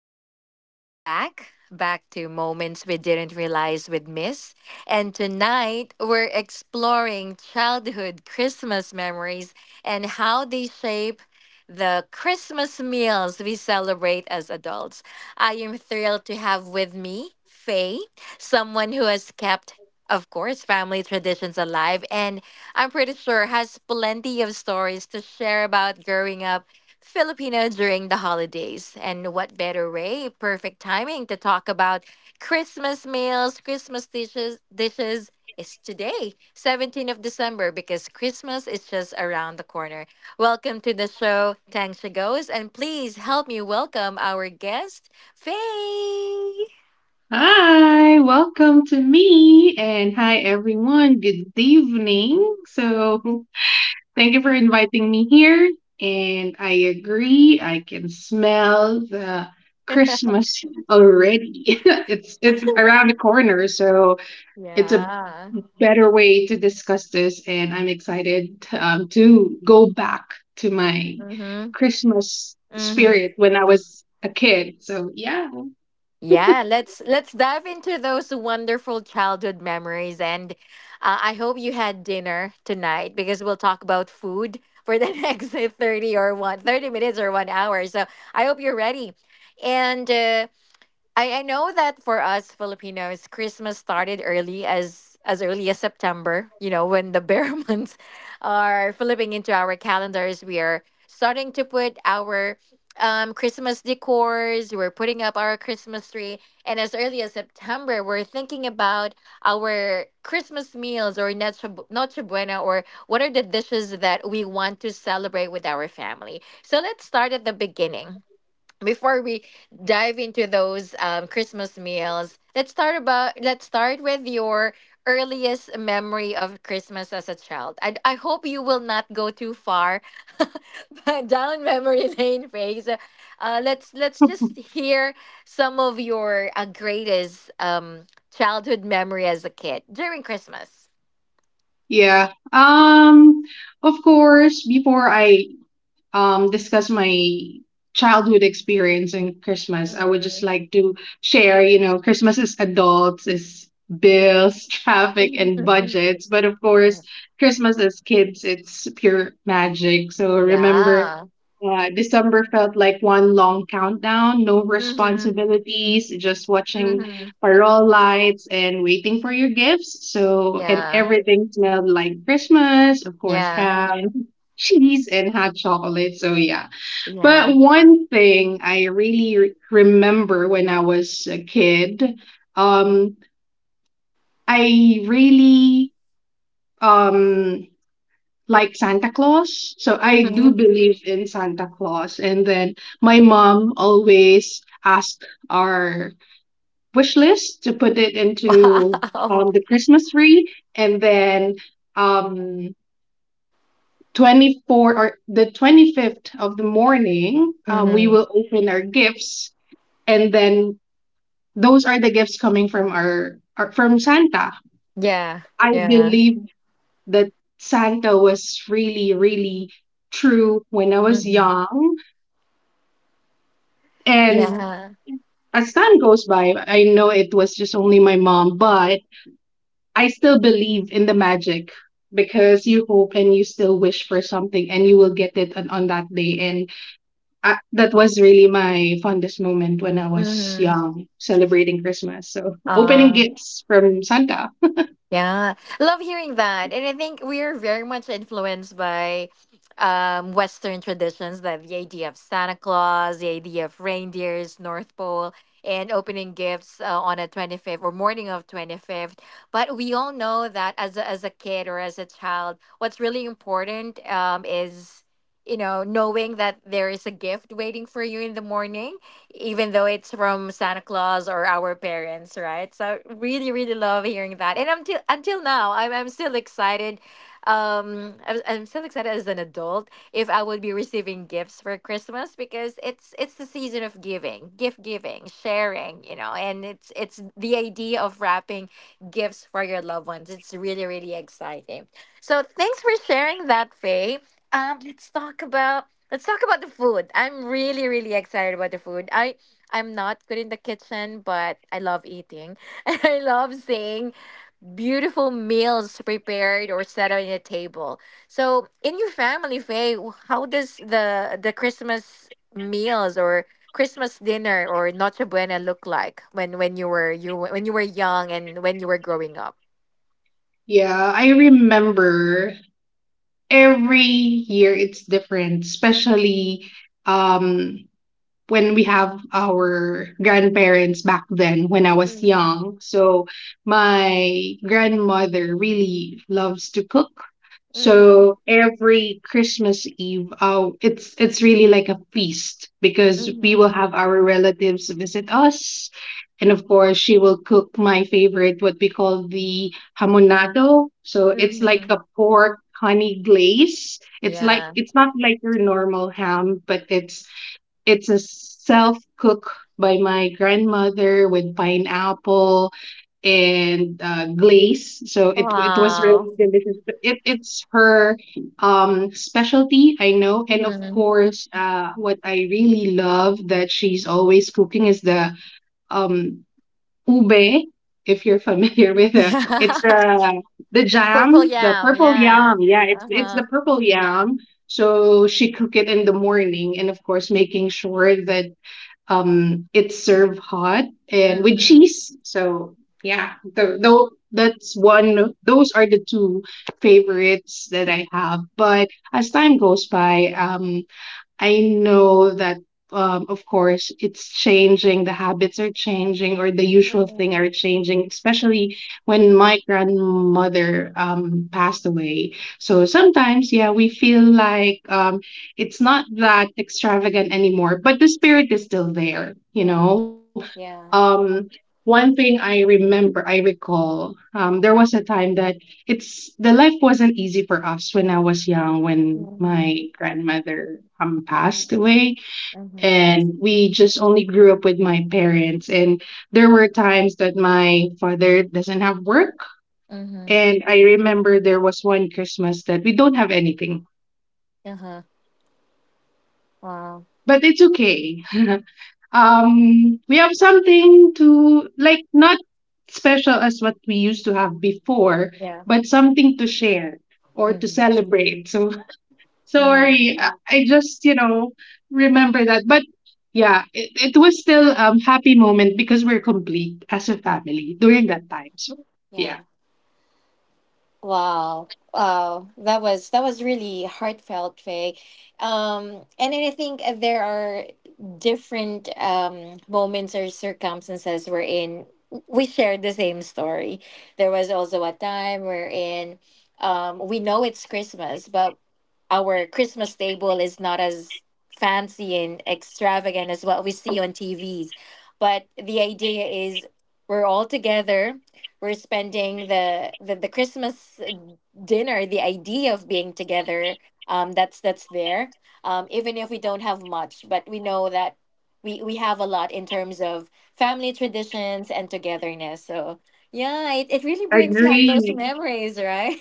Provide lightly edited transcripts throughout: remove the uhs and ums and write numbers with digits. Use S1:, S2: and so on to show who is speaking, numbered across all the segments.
S1: of taking us back, back to moments we didn't realize we'd miss. And tonight, we're exploring childhood Christmas memories and how they shape the Christmas meals we celebrate as adults. I am thrilled to have with me Faye, someone who has kept of course, family traditions alive, and I'm pretty sure has plenty of stories to share about growing up Filipino during the holidays. And what better way? Perfect timing to talk about Christmas meals, Christmas dishes, dishes is today, 17th of December, because Christmas is just around the corner. Welcome to the show, Tang Goes, and please help me welcome our guest, Faye.
S2: Hi, welcome to me and hi everyone. Good evening. So, thank you for inviting me here. And I agree, I can smell the Christmas already. It's around the corner, so it's a
S1: Yeah.
S2: better way to discuss this and I'm excited to go back to my
S1: Mm-hmm.
S2: Christmas spirit when I was a kid. So, yeah.
S1: Yeah, let's dive into those wonderful childhood memories, and I hope you had dinner tonight because we'll talk about food for the next 30 or 1 30 minutes or 1 hour. So I hope you're ready, and I know that for us Filipinos, Christmas started early as early as September, you know, when the bear months are flipping into our calendars. We are starting to put our Christmas decors, we're putting up our Christmas tree. And as early as September, we're thinking about our Christmas meals or Noche Buena or what are the dishes that we want to celebrate with our family. So let's start at the beginning before we dive into those Christmas meals, let's start with your earliest memory of Christmas as a child. I hope you will not go too far but down memory lane phase. Let's just hear some of your greatest childhood memory as a kid during Christmas.
S2: Yeah. Of course, before I discuss my childhood experience in Christmas, I would just
S1: Mm.
S2: like to share, you know, Christmas is adults, is bills, traffic, and budgets. But of
S1: Yeah.
S2: course, Christmas is kids, it's pure magic. So remember,
S1: Yeah.
S2: December felt like one long countdown, no
S1: Mhm.
S2: responsibilities, just watching
S1: Mhm.
S2: parole lights and waiting for your gifts. So, and
S1: Yeah.
S2: everything smelled like Christmas, of course,
S1: Yeah.
S2: ham, cheese and hot chocolate. So yeah.
S1: Yeah.
S2: But one thing I really remember when I was a kid, um, I really um like Santa Claus. So I do
S1: Mhm.
S2: believe in Santa Claus. And then my mom always asked our wish list to put it into
S1: Wow.
S2: the Christmas tree, and then um 24th or the 25th of the morning, we
S1: Mhm.
S2: will open our gifts, and then those are the gifts coming from our, from Santa.
S1: Yeah.
S2: I
S1: Yeah.
S2: believe that Santa was really, really true when I was
S1: Mhm.
S2: young, and
S1: Yeah.
S2: as time goes by, I know it was just only my mom, but I still believe in the magic because you hope and you still wish for something and you will get it on that day, and I, that was really my fondest moment when I was
S1: Mhm.
S2: young, celebrating Christmas. So, opening
S1: Uh
S2: gifts from Santa.
S1: Yeah, love hearing that. And I think we are very much influenced by Western traditions, that the idea of Santa Claus, the idea of reindeers, North Pole, and opening gifts on a 25th or morning of 25th. But we all know that as a kid or as a child, what's really important is, you know, knowing that there is a gift waiting for you in the morning even though it's from Santa Claus or our parents, right? So really, really love hearing that. And until now, I'm still excited. I'm still excited as an adult if I will be receiving gifts for Christmas because it's the season of giving, gift giving, sharing, you know, and it's the idea of wrapping gifts for your loved ones. It's really really exciting. So thanks for sharing that, Faye. Um, let's talk about. Let's talk about the food. I'm really, really excited about the food. I'm not good in the kitchen, but I love eating. And I love seeing beautiful meals prepared or set on a table. So in your family, Faye, how does the Christmas meals or Christmas dinner or Noche Buena look like when you were young and when you were growing up?
S2: Yeah, I remember every year it's different, especially um when we have our grandparents back then when I was
S1: Mm-hmm.
S2: young. So my grandmother really loves to cook.
S1: Mm-hmm.
S2: So every Christmas Eve, it's really like a feast because we
S1: Mm-hmm.
S2: will have our relatives visit us, and of course she will cook my favorite, what we call the hamonado. So it's like
S1: Mm-hmm.
S2: a pork honey glaze. It's like
S1: Yeah.
S2: it's not like your normal ham, but it's a self cook by my grandmother with pineapple and glaze. So it was
S1: Wow.
S2: really delicious. But it's her specialty, I know. And of course, what I really love that she's always cooking is the um ube, if you're familiar with it.
S1: Yeah.
S2: It's the
S1: Purple
S2: jam, the
S1: yam.
S2: purple yam.
S1: Yeah.
S2: Yeah, it's
S1: Uh
S2: it's
S1: huh.
S2: the purple yam. So she cook it in the morning, and of course, making sure that it's served hot and with
S1: Mhm.
S2: cheese. So yeah, the that's one. Those are the two favorites that I have. But as time goes by, I know that, of course, it's changing, the habits are changing, or the usual thing
S1: Mhm.
S2: are changing, especially when my grandmother passed away. So sometimes, yeah, we feel like it's not that extravagant anymore, but the spirit is still there, you
S1: Yeah.
S2: know?
S1: Yeah.
S2: Um, One thing I remember, I recall, there was a time that it's the life wasn't easy for us when I was young, when
S1: Mhm.
S2: my grandmother passed away,
S1: Mhm.
S2: and we just only grew up with my parents, and there were times that my father doesn't have work,
S1: Mhm.
S2: and I remember there was one Christmas that we don't have anything,
S1: Uh huh. Wow.
S2: but it's okay. We have something to, like, not special as what we used to have before,
S1: Yeah.
S2: but something to share or to
S1: Mhm.
S2: celebrate, so.
S1: Yeah.
S2: Sorry, I just remember that. But yeah, it was still happy moment because we're complete as a
S1: Yeah.
S2: family during that time. So
S1: Yeah.
S2: yeah,
S1: Wow. Wow. That was really heartfelt, Faye. And then I think there are different moments or circumstances wherein we shared the same story. There was also a time wherein we know it's Christmas, but our Christmas table is not as fancy and extravagant as what we see on TVs. But the idea is we're all together, we're spending the Christmas dinner, the idea of being together, that's there. Even if we don't have much, but we know that we have a lot in terms of family traditions and togetherness. So yeah, it really
S2: I
S1: brings back those
S2: agree.
S1: memories, right?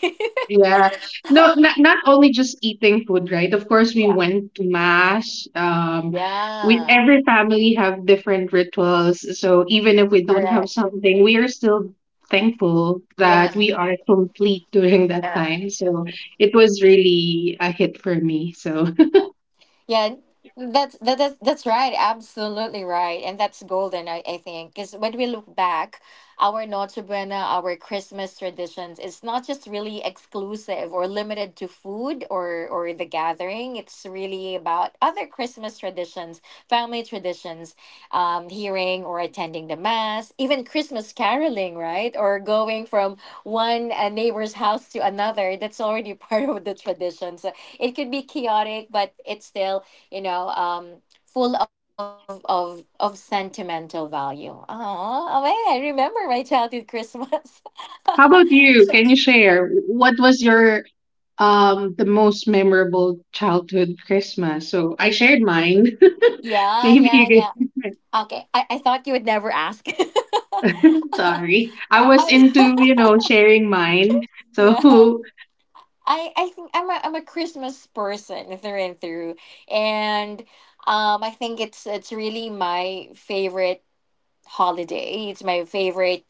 S2: Yeah. No, not only just eating food, right? Of course we
S1: Yeah.
S2: went to mass. We
S1: Yeah.
S2: every family have different rituals. So even if we don't have
S1: Correct.
S2: something, we are still thankful
S1: Yeah.
S2: that we are complete during that
S1: Yeah.
S2: time. So it was really a hit for me. So,
S1: Yeah, that's that, that's right. Absolutely right, and that's golden. I think because when we look back, our Noche Buena, our Christmas traditions, it's not just really exclusive or limited to food or the gathering. It's really about other Christmas traditions, family traditions, hearing or attending the mass, even Christmas caroling, right? Or going from one neighbor's house to another. That's already part of the tradition. So it could be chaotic, but it's still, you know, full of of sentimental value. Oh, oh man, I remember my childhood Christmas.
S2: how about you? Can you share what was your the most memorable childhood Christmas? So I shared mine.
S1: Yeah,
S2: Maybe
S1: yeah,
S2: you
S1: yeah.
S2: could.
S1: Okay, I thought you would never ask.
S2: Sorry, I was
S1: I
S2: into sharing mine.
S1: yeah.
S2: So.
S1: I think I'm a Christmas person through and through, and I think it's really my favorite holiday. It's my favorite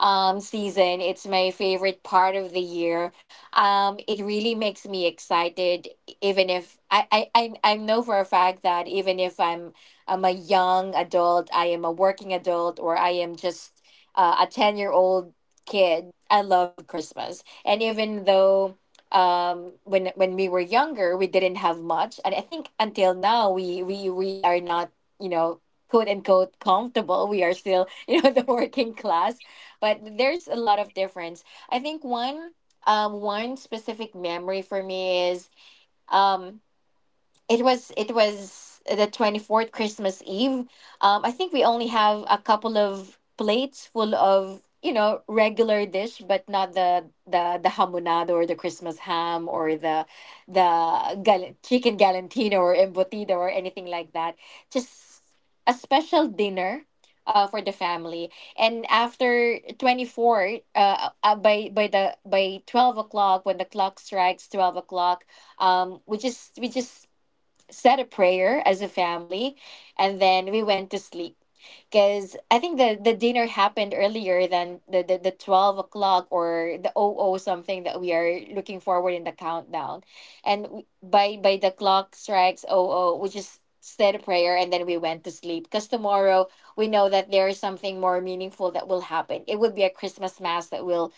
S1: season. It's my favorite part of the year. It really makes me excited, even if I know for a fact that even if I'm a young adult, I am a working adult, or I am just a 10-year-old kid, I love Christmas. And even though when we were younger we didn't have much, and I think until now we are not, you know, quote unquote comfortable, we are still you know the working class, but there's a lot of difference. I think one specific memory for me is um it was the 24th Christmas Eve. I think we only have a couple of plates full of, you know, regular dish but not the hamonado or the Christmas ham or the chicken galantino or embutido or anything like that, just a special dinner for the family. And after 24 by the by 12 o'clock, when the clock strikes 12 o'clock, we just said a prayer as a family, and then we went to sleep. Because I think the dinner happened earlier than the 12 o'clock or the 00 zero something that we are looking forward in the countdown. And by the clock strikes 00, zero, we just said a prayer and then we went to sleep. Because tomorrow we know that there is something more meaningful that will happen. It would be a Christmas mass that we'll,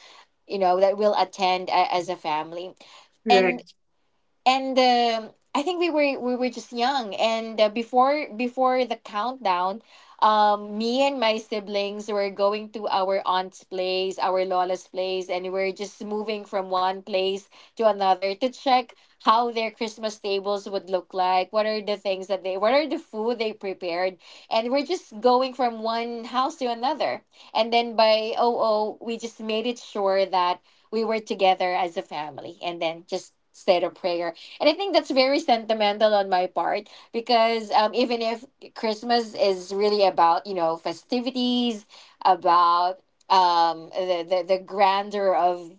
S1: you know, that we'll attend as a family.
S2: Right.
S1: And I think we were just young, and before before the countdown, me and my siblings were going to our aunt's place, our lola's place, and we were just moving from one place to another to check how their Christmas tables would look like. What are the things that they? What are the food they prepared? And we're just going from one house to another, and then by oh oh, we just made it sure that we were together as a family, and then just said a prayer. And I think that's very sentimental on my part because even if Christmas is really about, you know, festivities, about the grandeur of,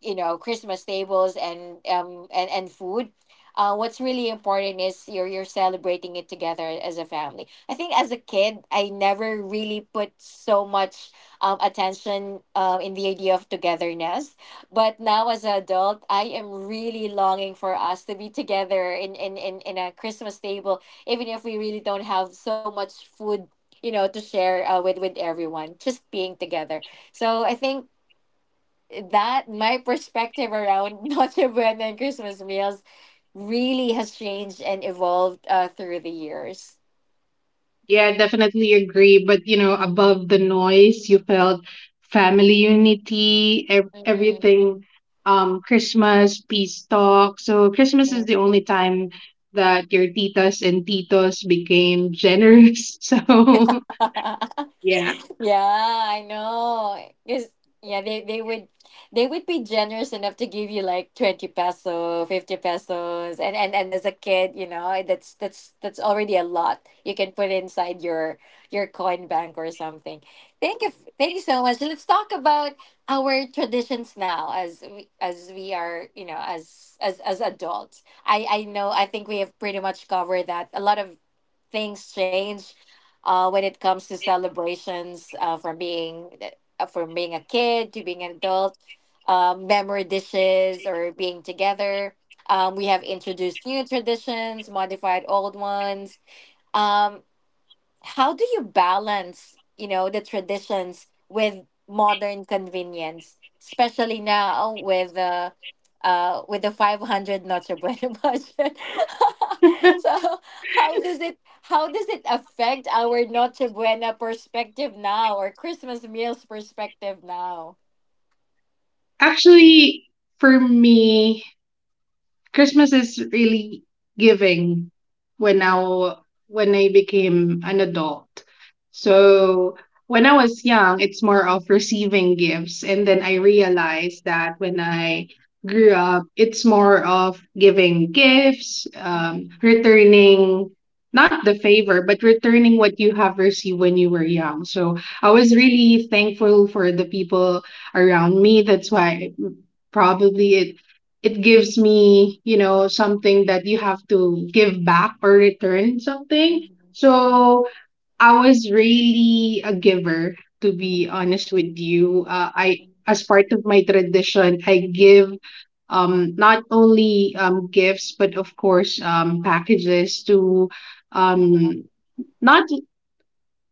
S1: you know, Christmas tables and, and food, what's really important is you're celebrating it together as a family. I think as a kid, I never really put so much attention in the idea of togetherness, but now as an adult, I am really longing for us to be together in a Christmas table, even if we really don't have so much food, you know, to share with with everyone, just being together. So I think that my perspective around Noche Buena and Christmas meals really has changed and evolved through the years.
S2: Yeah, I definitely agree. But above the noise, you felt family unity, everything. Christmas, peace talk. So Christmas is
S1: Mhm.
S2: the only time that your titas and titos became generous. So yeah,
S1: Yeah, I know. Because yeah, they would be generous enough to give you like 20 peso, 50 pesos. And as a kid, you know, eh, that's that's already a lot. You can put inside your coin bank or something. Thank you. Thank you so much. Let's talk about our traditions now as we are, you know, as as adults. I know I think we have pretty much covered that. A lot of things change when it comes to celebrations from being a kid to being an adult, memory dishes or being together. We have introduced new traditions, modified old ones. um how do you balance, you know, the traditions with modern convenience, especially now with the 500 Noche Buena budget? So how does it, how does it affect our Noche Buena perspective now or Christmas meals perspective now?
S2: actually, for me, Christmas is really giving when
S1: Mhm.
S2: I when I became an adult. So when I was young, it's more of receiving gifts, and then I
S1: Mhm.
S2: realized that when I grew up, it's more of giving gifts,
S1: mhm, mhm,
S2: returning not the favor, but returning what you have received when you were young. So I was really thankful for the people around me. That's why probably it gives me something that you have to give back or return something,
S1: mhm, mhm,
S2: so I was really a giver, to be
S1: mhm,
S2: honest with you.
S1: mhm,
S2: I
S1: mhm.
S2: As part of my tradition I give, not only gifts but of course packages to,
S1: Yeah.
S2: um not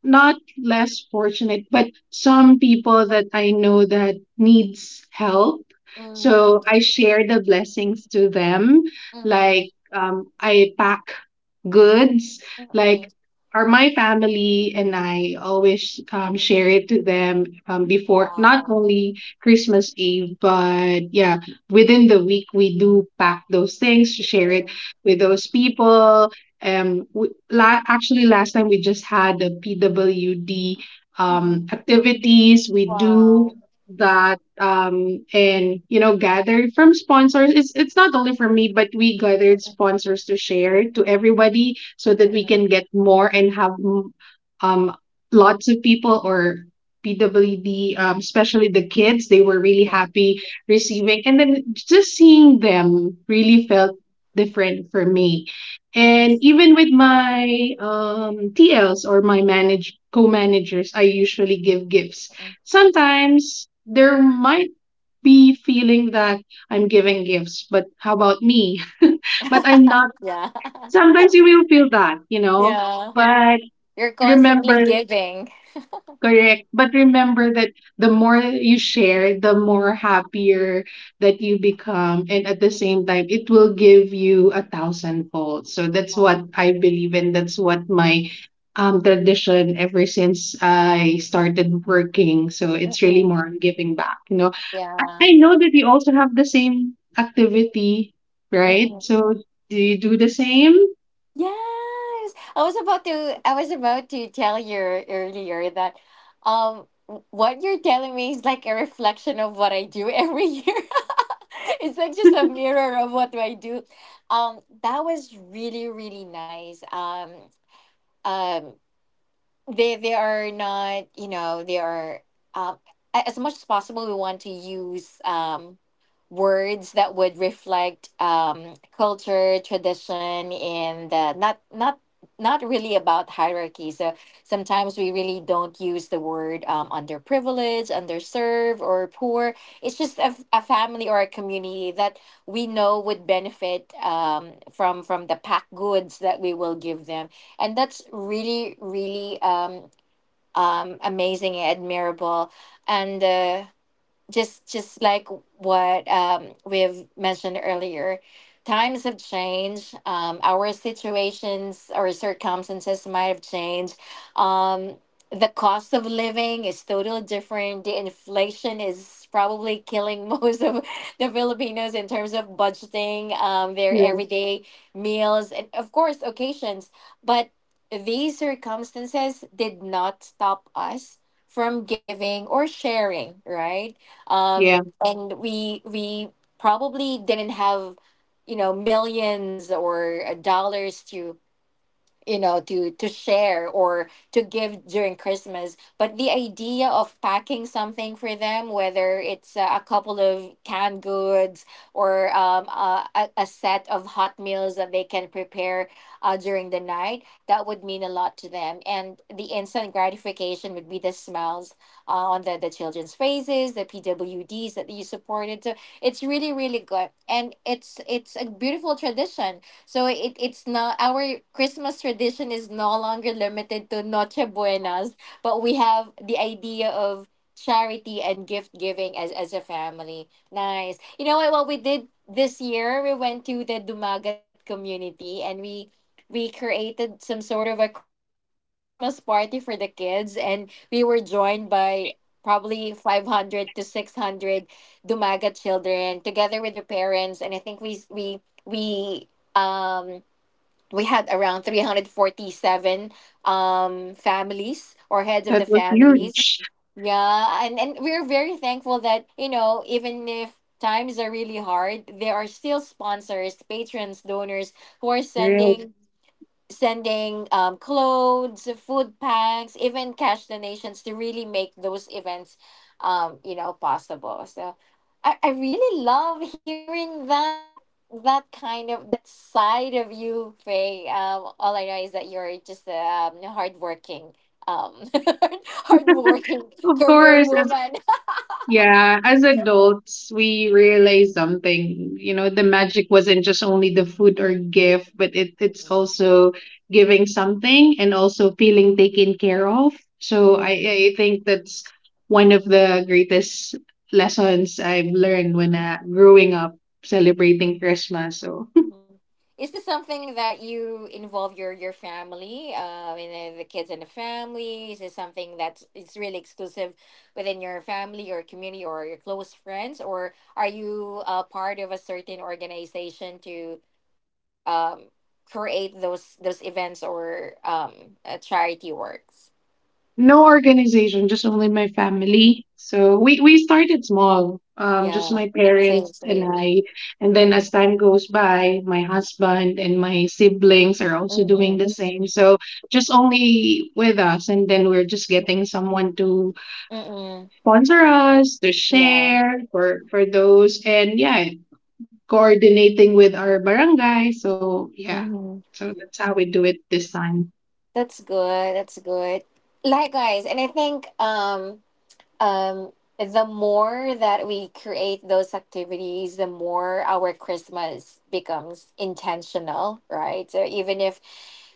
S2: not less fortunate, but some people that I know that needs help.
S1: Mhm,
S2: So I share the blessings to them.
S1: mhm,
S2: Like, I pack goods.
S1: mhm,
S2: Like, are my family and I always
S1: mhm.
S2: share it to them before not
S1: Wow.
S2: only Christmas Eve, but yeah, within the week we do pack those things to share it
S1: Mm.
S2: with those people. We, actually, last time we just had the PWD
S1: mhm.
S2: activities we do
S1: Wow.
S2: that, and gathered from sponsors, it's not only for me but we gathered
S1: Mm-mm.
S2: sponsors to share to everybody so that we
S1: Mm-mm.
S2: can get more and have, um lots of people or PWD, especially the kids. They were really
S1: Oh.
S2: happy receiving, and then just seeing them really
S1: mm,
S2: felt different for me. And
S1: Mm-mm.
S2: even with my TLs or my manage co-managers, I usually give gifts.
S1: Mm-mm.
S2: Sometimes there might be feeling that I'm giving gifts, but how about me? But I'm not.
S1: Yeah.
S2: Sometimes you will feel that.
S1: Yeah.
S2: But
S1: You're constantly
S2: remember
S1: giving.
S2: Correct. But remember that the more you share, the more happier that you become. And at the same time, it will give you a thousandfold. So that's
S1: Um,
S2: what I believe in. That's what my tradition ever since I started working. So it's really
S1: mm-mm.
S2: more on giving back. You know, I,
S1: Yeah.
S2: I know that you also have the same activity, right?
S1: Mm-mm.
S2: So do you do the same?
S1: Yes. I was about to tell you earlier that what you're telling me is like a reflection of what I do every year. It's like just a mirror of what do I do. That was really really nice. Um they are not, they are, um, as much as possible we want to use words that would reflect culture, tradition, and not really about hierarchy. So sometimes we really don't use the word underprivileged, underserved, or poor. It's just a family or a community that we know would benefit from the packed goods that we will give them. And that's really really amazing, admirable, and just like what we've mentioned earlier. Times have changed. Our situations or circumstances might have changed. um, the cost of living is totally different. The inflation is probably killing most of the Filipinos in terms of budgeting their
S2: Yeah.
S1: everyday meals, and of course occasions. But these circumstances did not stop us from giving or sharing, right?
S2: Yeah.
S1: And we probably didn't have, millions or dollars to share or to give during Christmas. But the idea of packing something for them, whether it's a couple of canned goods, or a set of hot meals that they can prepare during the night, that would mean a lot to them. And the instant gratification would be the smiles the children's faces, the PWDs that you supported. So it's really really good, and it's a beautiful tradition. So it it's not our Christmas tradition is no longer limited to Noche Buenas, but we have the idea of charity and gift giving as a family. Nice. You know what? What we did this year, we went to the Dumagat community, and we created some sort of a Christmas party for the kids, and we were joined by probably 500 to 600 Dumagat children together with their parents. And I think we um, we had around 347 families, or heads of
S2: That
S1: the
S2: was
S1: families.
S2: huge.
S1: Yeah, and we're very thankful that, you know, even if times are really hard, there are still sponsors, patrons, donors who are
S2: Right.
S1: sending clothes, food packs, even cash donations to really make those events, you know, possible. So I really love hearing that side of you, Faye. All I know is that you're just a, hardworking, um, hardworking
S2: Of
S1: career
S2: course, as
S1: woman.
S2: Yeah, as adults, we realize something. The magic wasn't just only the food or gift, but it's also giving something and also feeling taken care of. So
S1: Mm-mm,
S2: I think that's one of the greatest lessons I've learned when growing up
S1: mm-mm.
S2: celebrating Christmas. So,
S1: Mhm. Is this something that you involve your family, and the kids in the family? Is this something that's it's really exclusive within your family, your community, or your close friends? Or are you, part of a certain organization to, um, create those events or charity works?
S2: no organization, just only my
S1: Mhm.
S2: family. So we started small, just
S1: Yeah,
S2: my
S1: same,
S2: parents and
S1: same.
S2: I. And then
S1: Mm-mm.
S2: as time goes by, my husband and my siblings are also doing
S1: Mm-mm.
S2: the same. So just only with us, and then we're just getting
S1: Mm-mm.
S2: someone to
S1: Mm-mm.
S2: sponsor us, to
S1: Yeah.
S2: share for those, and yeah, coordinating with our barangay. So yeah,
S1: Mm-hmm.
S2: so that's how we do it this time.
S1: That's good. That's good. Likewise. And I think, um, the more that we create those activities, the more our Christmas becomes intentional, right? So even if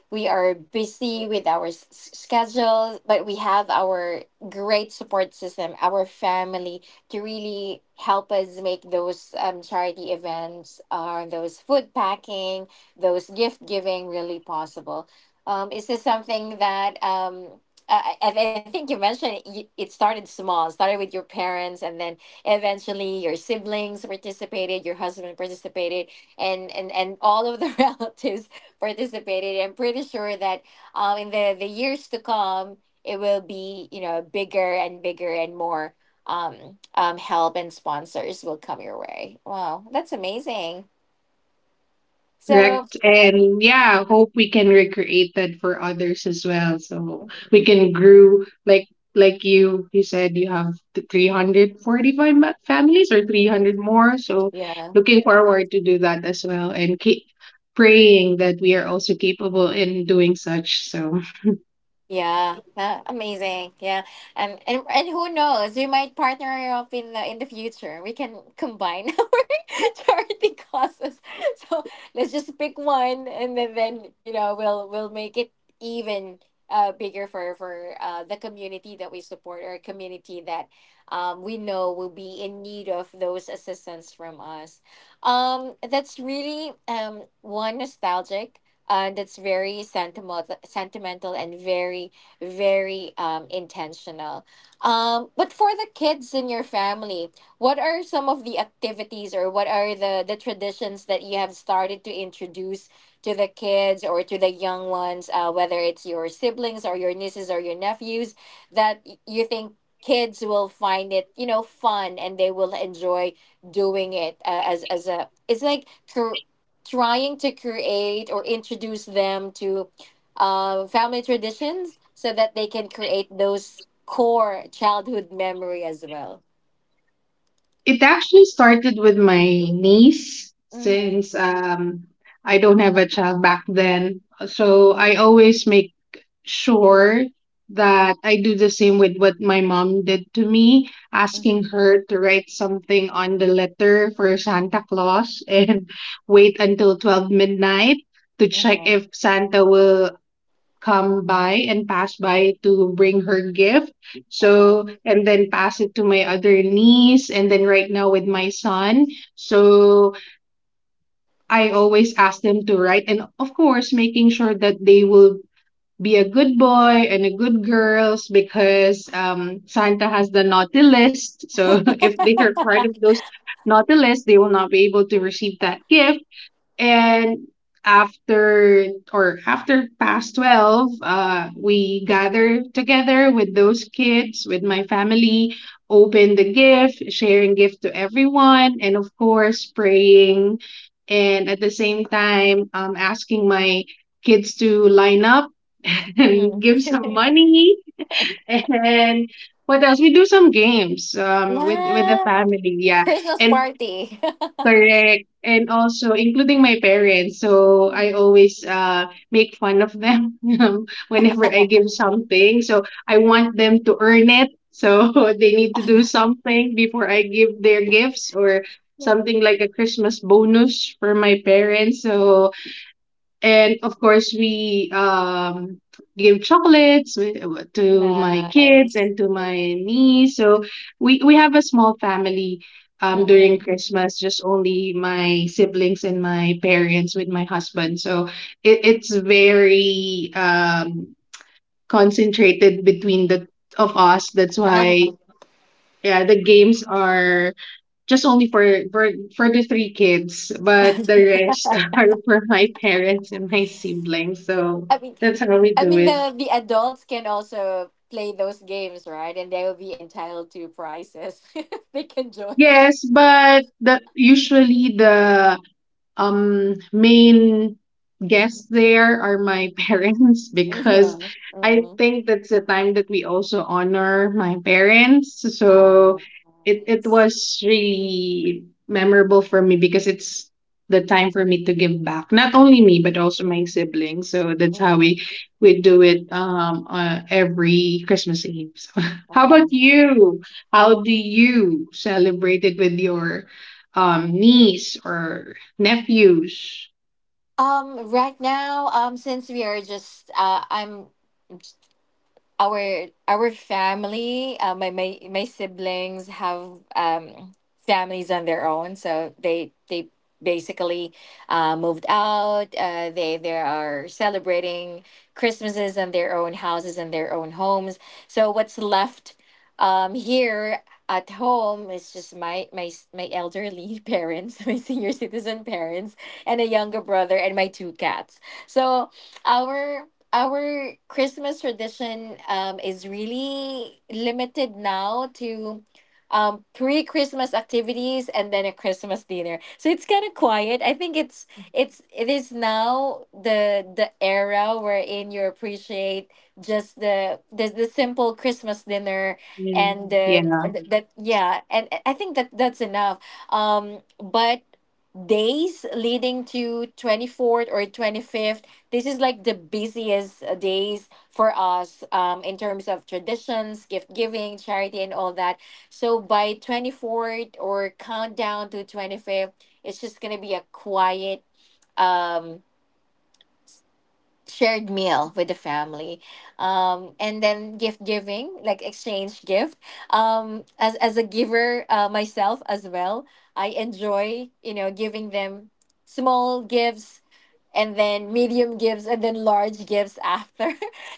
S1: we are busy with our schedules, but we have our great support system, our family, to really help us make those charity events, or those food packing, those gift giving really possible. Is this something that I think you mentioned it, it started small. Started with your parents, and then eventually your siblings participated, your husband participated, and all of the relatives participated. I'm pretty sure that, in the years to come, it will be, you know, bigger and bigger, and more help and sponsors will come your way. Wow, that's amazing. So.
S2: Correct. And yeah, hope we can recreate that for others as well. So we
S1: Mhm.
S2: can grow like like you said you have 345 families or
S1: Mhm.
S2: 300 more. So
S1: Yeah.
S2: looking forward to do that as well and keep praying that we are also capable in doing such. So
S1: Yeah, amazing. Yeah, and who knows? We might partner up in the future. We can combine our charity causes. So let's just pick one, and then you know, we'll make it even, bigger, for the community that we support, or community that we know will be in need of those assistance from us. That's really, one nostalgic, that's very sentimental, sentimental, and very, very, intentional. But for the kids in your family, what are some of the activities, or what are the traditions that you have started to introduce to the kids or to the young ones, whether it's your siblings or your nieces or your nephews, that you think kids will find it, you know, fun, and they will enjoy doing it, as a, it's like, cur- trying to create or introduce them to family traditions, so that they can create those core childhood memory as well.
S2: it actually started with my niece
S1: Mm-hmm.
S2: since I don't have a child back then. So I always make sure that I do the same with what my mom did to me, asking
S1: Mm-hmm.
S2: her to write something on the letter for Santa Claus and wait until 12 midnight to check
S1: Uh-huh.
S2: if Santa will come by and pass by to bring her gift.
S1: Uh-huh.
S2: So, and then pass it to my other niece, and then right now with my son. So, I always ask them to write, and of course, making sure that they will be a good boy and a good girls because Santa has the naughty list. So if they are part of those naughty list, they will not be able to receive that gift. And after or after past 12, we gather together with those kids, with my family, open the gift, sharing gift to everyone, and of course, praying. And at the same time, asking my kids to line up and
S1: Mhm.
S2: give some money. And what else? We do some games with the
S1: Yeah.
S2: family. Yeah.
S1: Christmas
S2: And
S1: party.
S2: Correct. And also, including my parents. So, I
S1: Mhm.
S2: always make fun of them whenever I give something. So, I want them to earn it. So, they need to do something before I give their gifts or something, like a Christmas bonus for my parents. So, and of course we give chocolates to my kids
S1: Nice.
S2: and to my niece, so we have a small family during
S1: Mm-mm.
S2: Christmas, just only my siblings and my parents with my husband, so it's very concentrated between the of us. That's why,
S1: Uh-huh.
S2: yeah, the games are just only for for for the three kids, but the rest are for my parents and my siblings. So
S1: I mean,
S2: that's how we
S1: I
S2: do
S1: mean
S2: it.
S1: the adults can also play those games, right? And they will be entitled to prizes if they can join.
S2: Yes, but the usually the main guests there are my parents because
S1: Mhm.
S2: I
S1: Mhm.
S2: think that's the time that we also honor my parents. So
S1: Oh,
S2: it
S1: nice.
S2: was really memorable for me because it's the time for me to give back. Not only me
S1: Mhm.
S2: but also my siblings. So that's how we
S1: Mhm.
S2: we do it every Christmas Eve. So, how about
S1: Wow.
S2: you? How do you celebrate it with your niece or nephews?
S1: Right now, since we are just, I'm our family, my my my siblings have families on their own, so they basically moved out. They are celebrating Christmases and their own houses and their own homes. So what's left, here at home, is just my elderly parents, my senior citizen parents, and a younger brother, and my two cats. So our our Christmas tradition, is really limited now to pre Christmas activities and then a Christmas dinner. So it's kind of quiet. I think it is now the era wherein you appreciate just the simple Christmas dinner, and
S2: Mm, yeah.
S1: that, yeah. And I think that that's enough. But days leading to 24th or 25th, this is like the busiest, days for us, in terms of traditions, gift giving, charity, and all that. So by 24th or countdown to 25th, it's just gonna be a quiet um shared meal with the family, and then gift giving, like exchange gift. As a giver, myself as well, I enjoy, you know, giving them small gifts, and then medium gives, and then large gives after.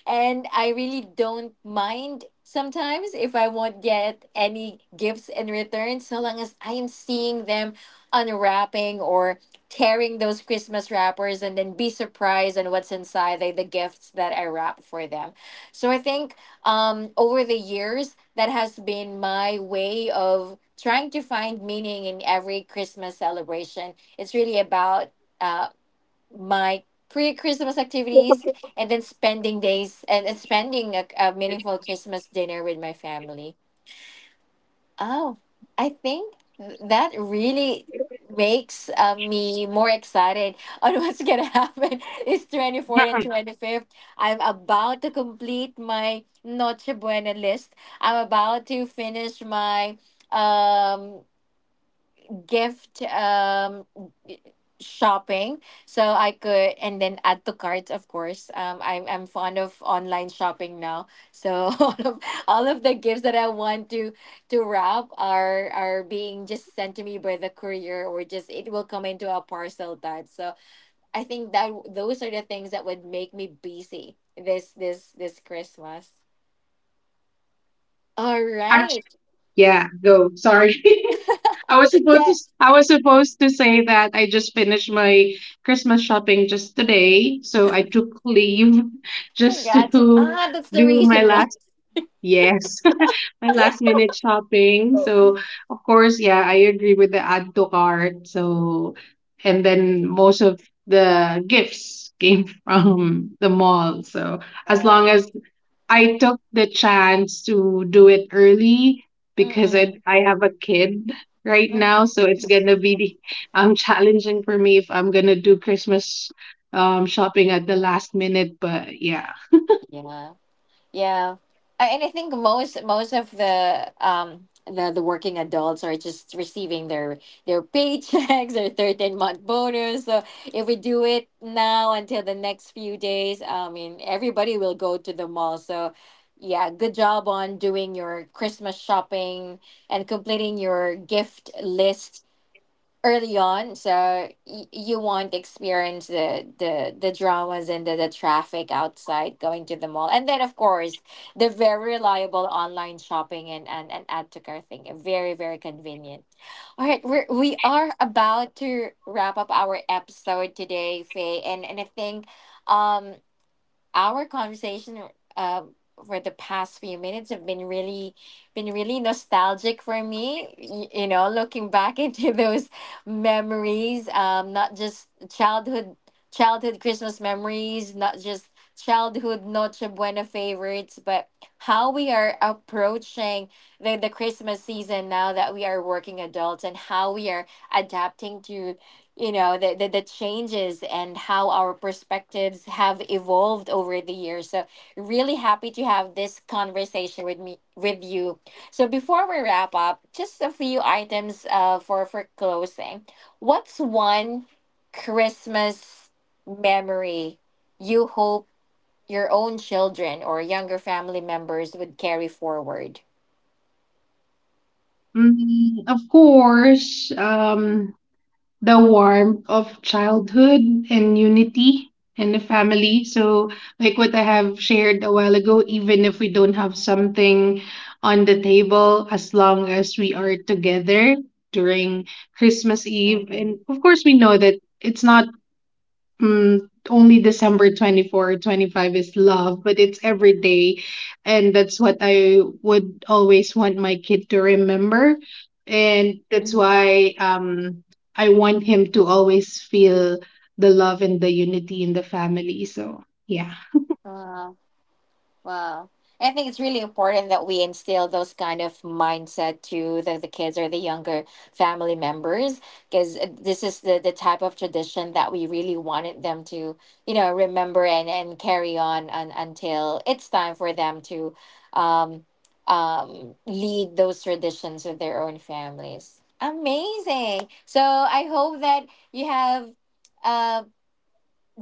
S1: And I really don't mind sometimes if I won't get any gifts in return, so long as I am seeing them unwrapping or tearing those Christmas wrappers, and then be surprised on what's inside, like the gifts that I wrap for them. So I think, over the years that has been my way of trying to find meaning in every Christmas celebration. It's really about uh, my pre-Christmas activities, and then spending days, and spending a meaningful Christmas dinner with my family. Oh, I think that really makes, me more excited on what's gonna happen. It's 24th and 25th. I'm about to complete my Noche Buena list. I'm about to finish my, um gift, shopping, so I could, and then add to cart, of course. I'm fond of online shopping now. So all of all of the gifts that I want to wrap, are being just sent to me by the courier, or just it will come into a parcel type. So I think that those are the things that would make me busy this, Christmas. All
S2: Actually,
S1: right.
S2: yeah, go. Sorry. I was supposed to
S1: Yes.
S2: I was supposed to say that I just finished my Christmas shopping just today, so I took leave just to
S1: Gotcha. Ah, that's the
S2: do my
S1: reason why.
S2: last yes. My last minute shopping. So, of course, yeah, I agree with the add to cart.
S1: uh,
S2: So, and then most of the gifts came from the mall. So, as long
S1: mm-mm,
S2: as I took the chance to do it early, because
S1: mm-mm.
S2: I have a kid right now, so it's gonna be challenging for me if I'm gonna do Christmas shopping at the last minute, but yeah.
S1: Yeah. Yeah. And I think most of the working adults are just receiving their paychecks, their 13-month bonus. So if we do it now until the next few days, I mean, everybody will go to the mall. So yeah, good job on doing your Christmas shopping and completing your gift list early on, so you won't experience the dramas and the traffic outside going to the mall, and then of course the very reliable online shopping, and and add to cart thing, very very convenient. All right, we are about to wrap up our episode today, Faye. And I think, um our conversation, uh, for the past few minutes have been really, nostalgic for me, looking back into those memories. Not just childhood Christmas memories, not just childhood Noche Buena favorites, but how we are approaching the Christmas season now that we are working adults, and how we are adapting to, the changes, and how our perspectives have evolved over the years. So really happy to have this conversation with me, with you. So before we wrap up, just a few items, for closing. What's one Christmas memory you hope your own children or younger family members would carry forward?
S2: Of course, the warmth of childhood and unity and the family. So, like what I have shared a while ago, even if we don't have something on the table, as long as we are together during
S1: Mhm.
S2: Christmas Eve, and of course, we know that it's not, mm, only December 24 or 25 is
S1: Mhm.
S2: love, but it's every day. And that's what I would always want my kid to remember. And
S1: Mhm.
S2: that's why I want him to always feel the love and the unity in the family. So, yeah.
S1: Wow. Wow. I think it's really important that we instill those kind of mindset to the kids or the younger family members, because this is the type of tradition that we really wanted them to, remember, and carry on, until it's time for them to, um, lead those traditions with their own families. Amazing. So I hope that you have, uh,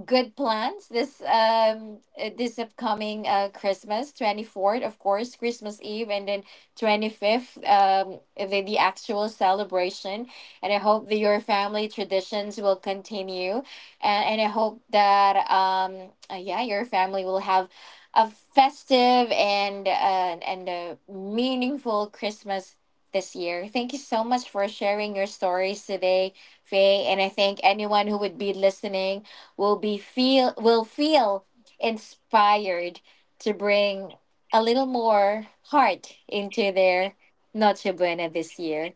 S1: good plans this, this upcoming Christmas, 24th, of course, Christmas Eve, and then 25th, the actual celebration. And I hope that your family traditions will continue, and I hope that, yeah, your family will have a festive and, and a meaningful Christmas this year. Thank you so much for sharing your stories today, Faye. And I thank anyone who would be listening will feel inspired to bring a little more heart into their Noche Buena this year.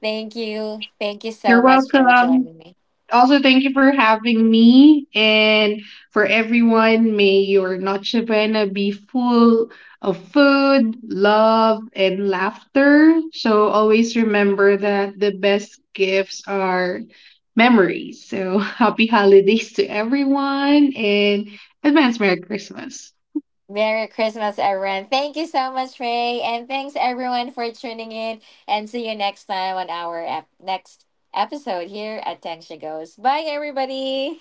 S1: Thank you. Thank you so
S2: You're
S1: much for
S2: welcome.
S1: joining me.
S2: Also, thank you for having me. And for everyone, may your Noche Buena be full of food, love, and laughter. So always remember that the best gifts are memories. So, happy holidays to everyone and advance Merry Christmas.
S1: Merry Christmas, everyone. Thank you so much, Ray. And thanks, everyone, for tuning in. And see you next time on our next episode here at Tangsha Goes. Bye, everybody.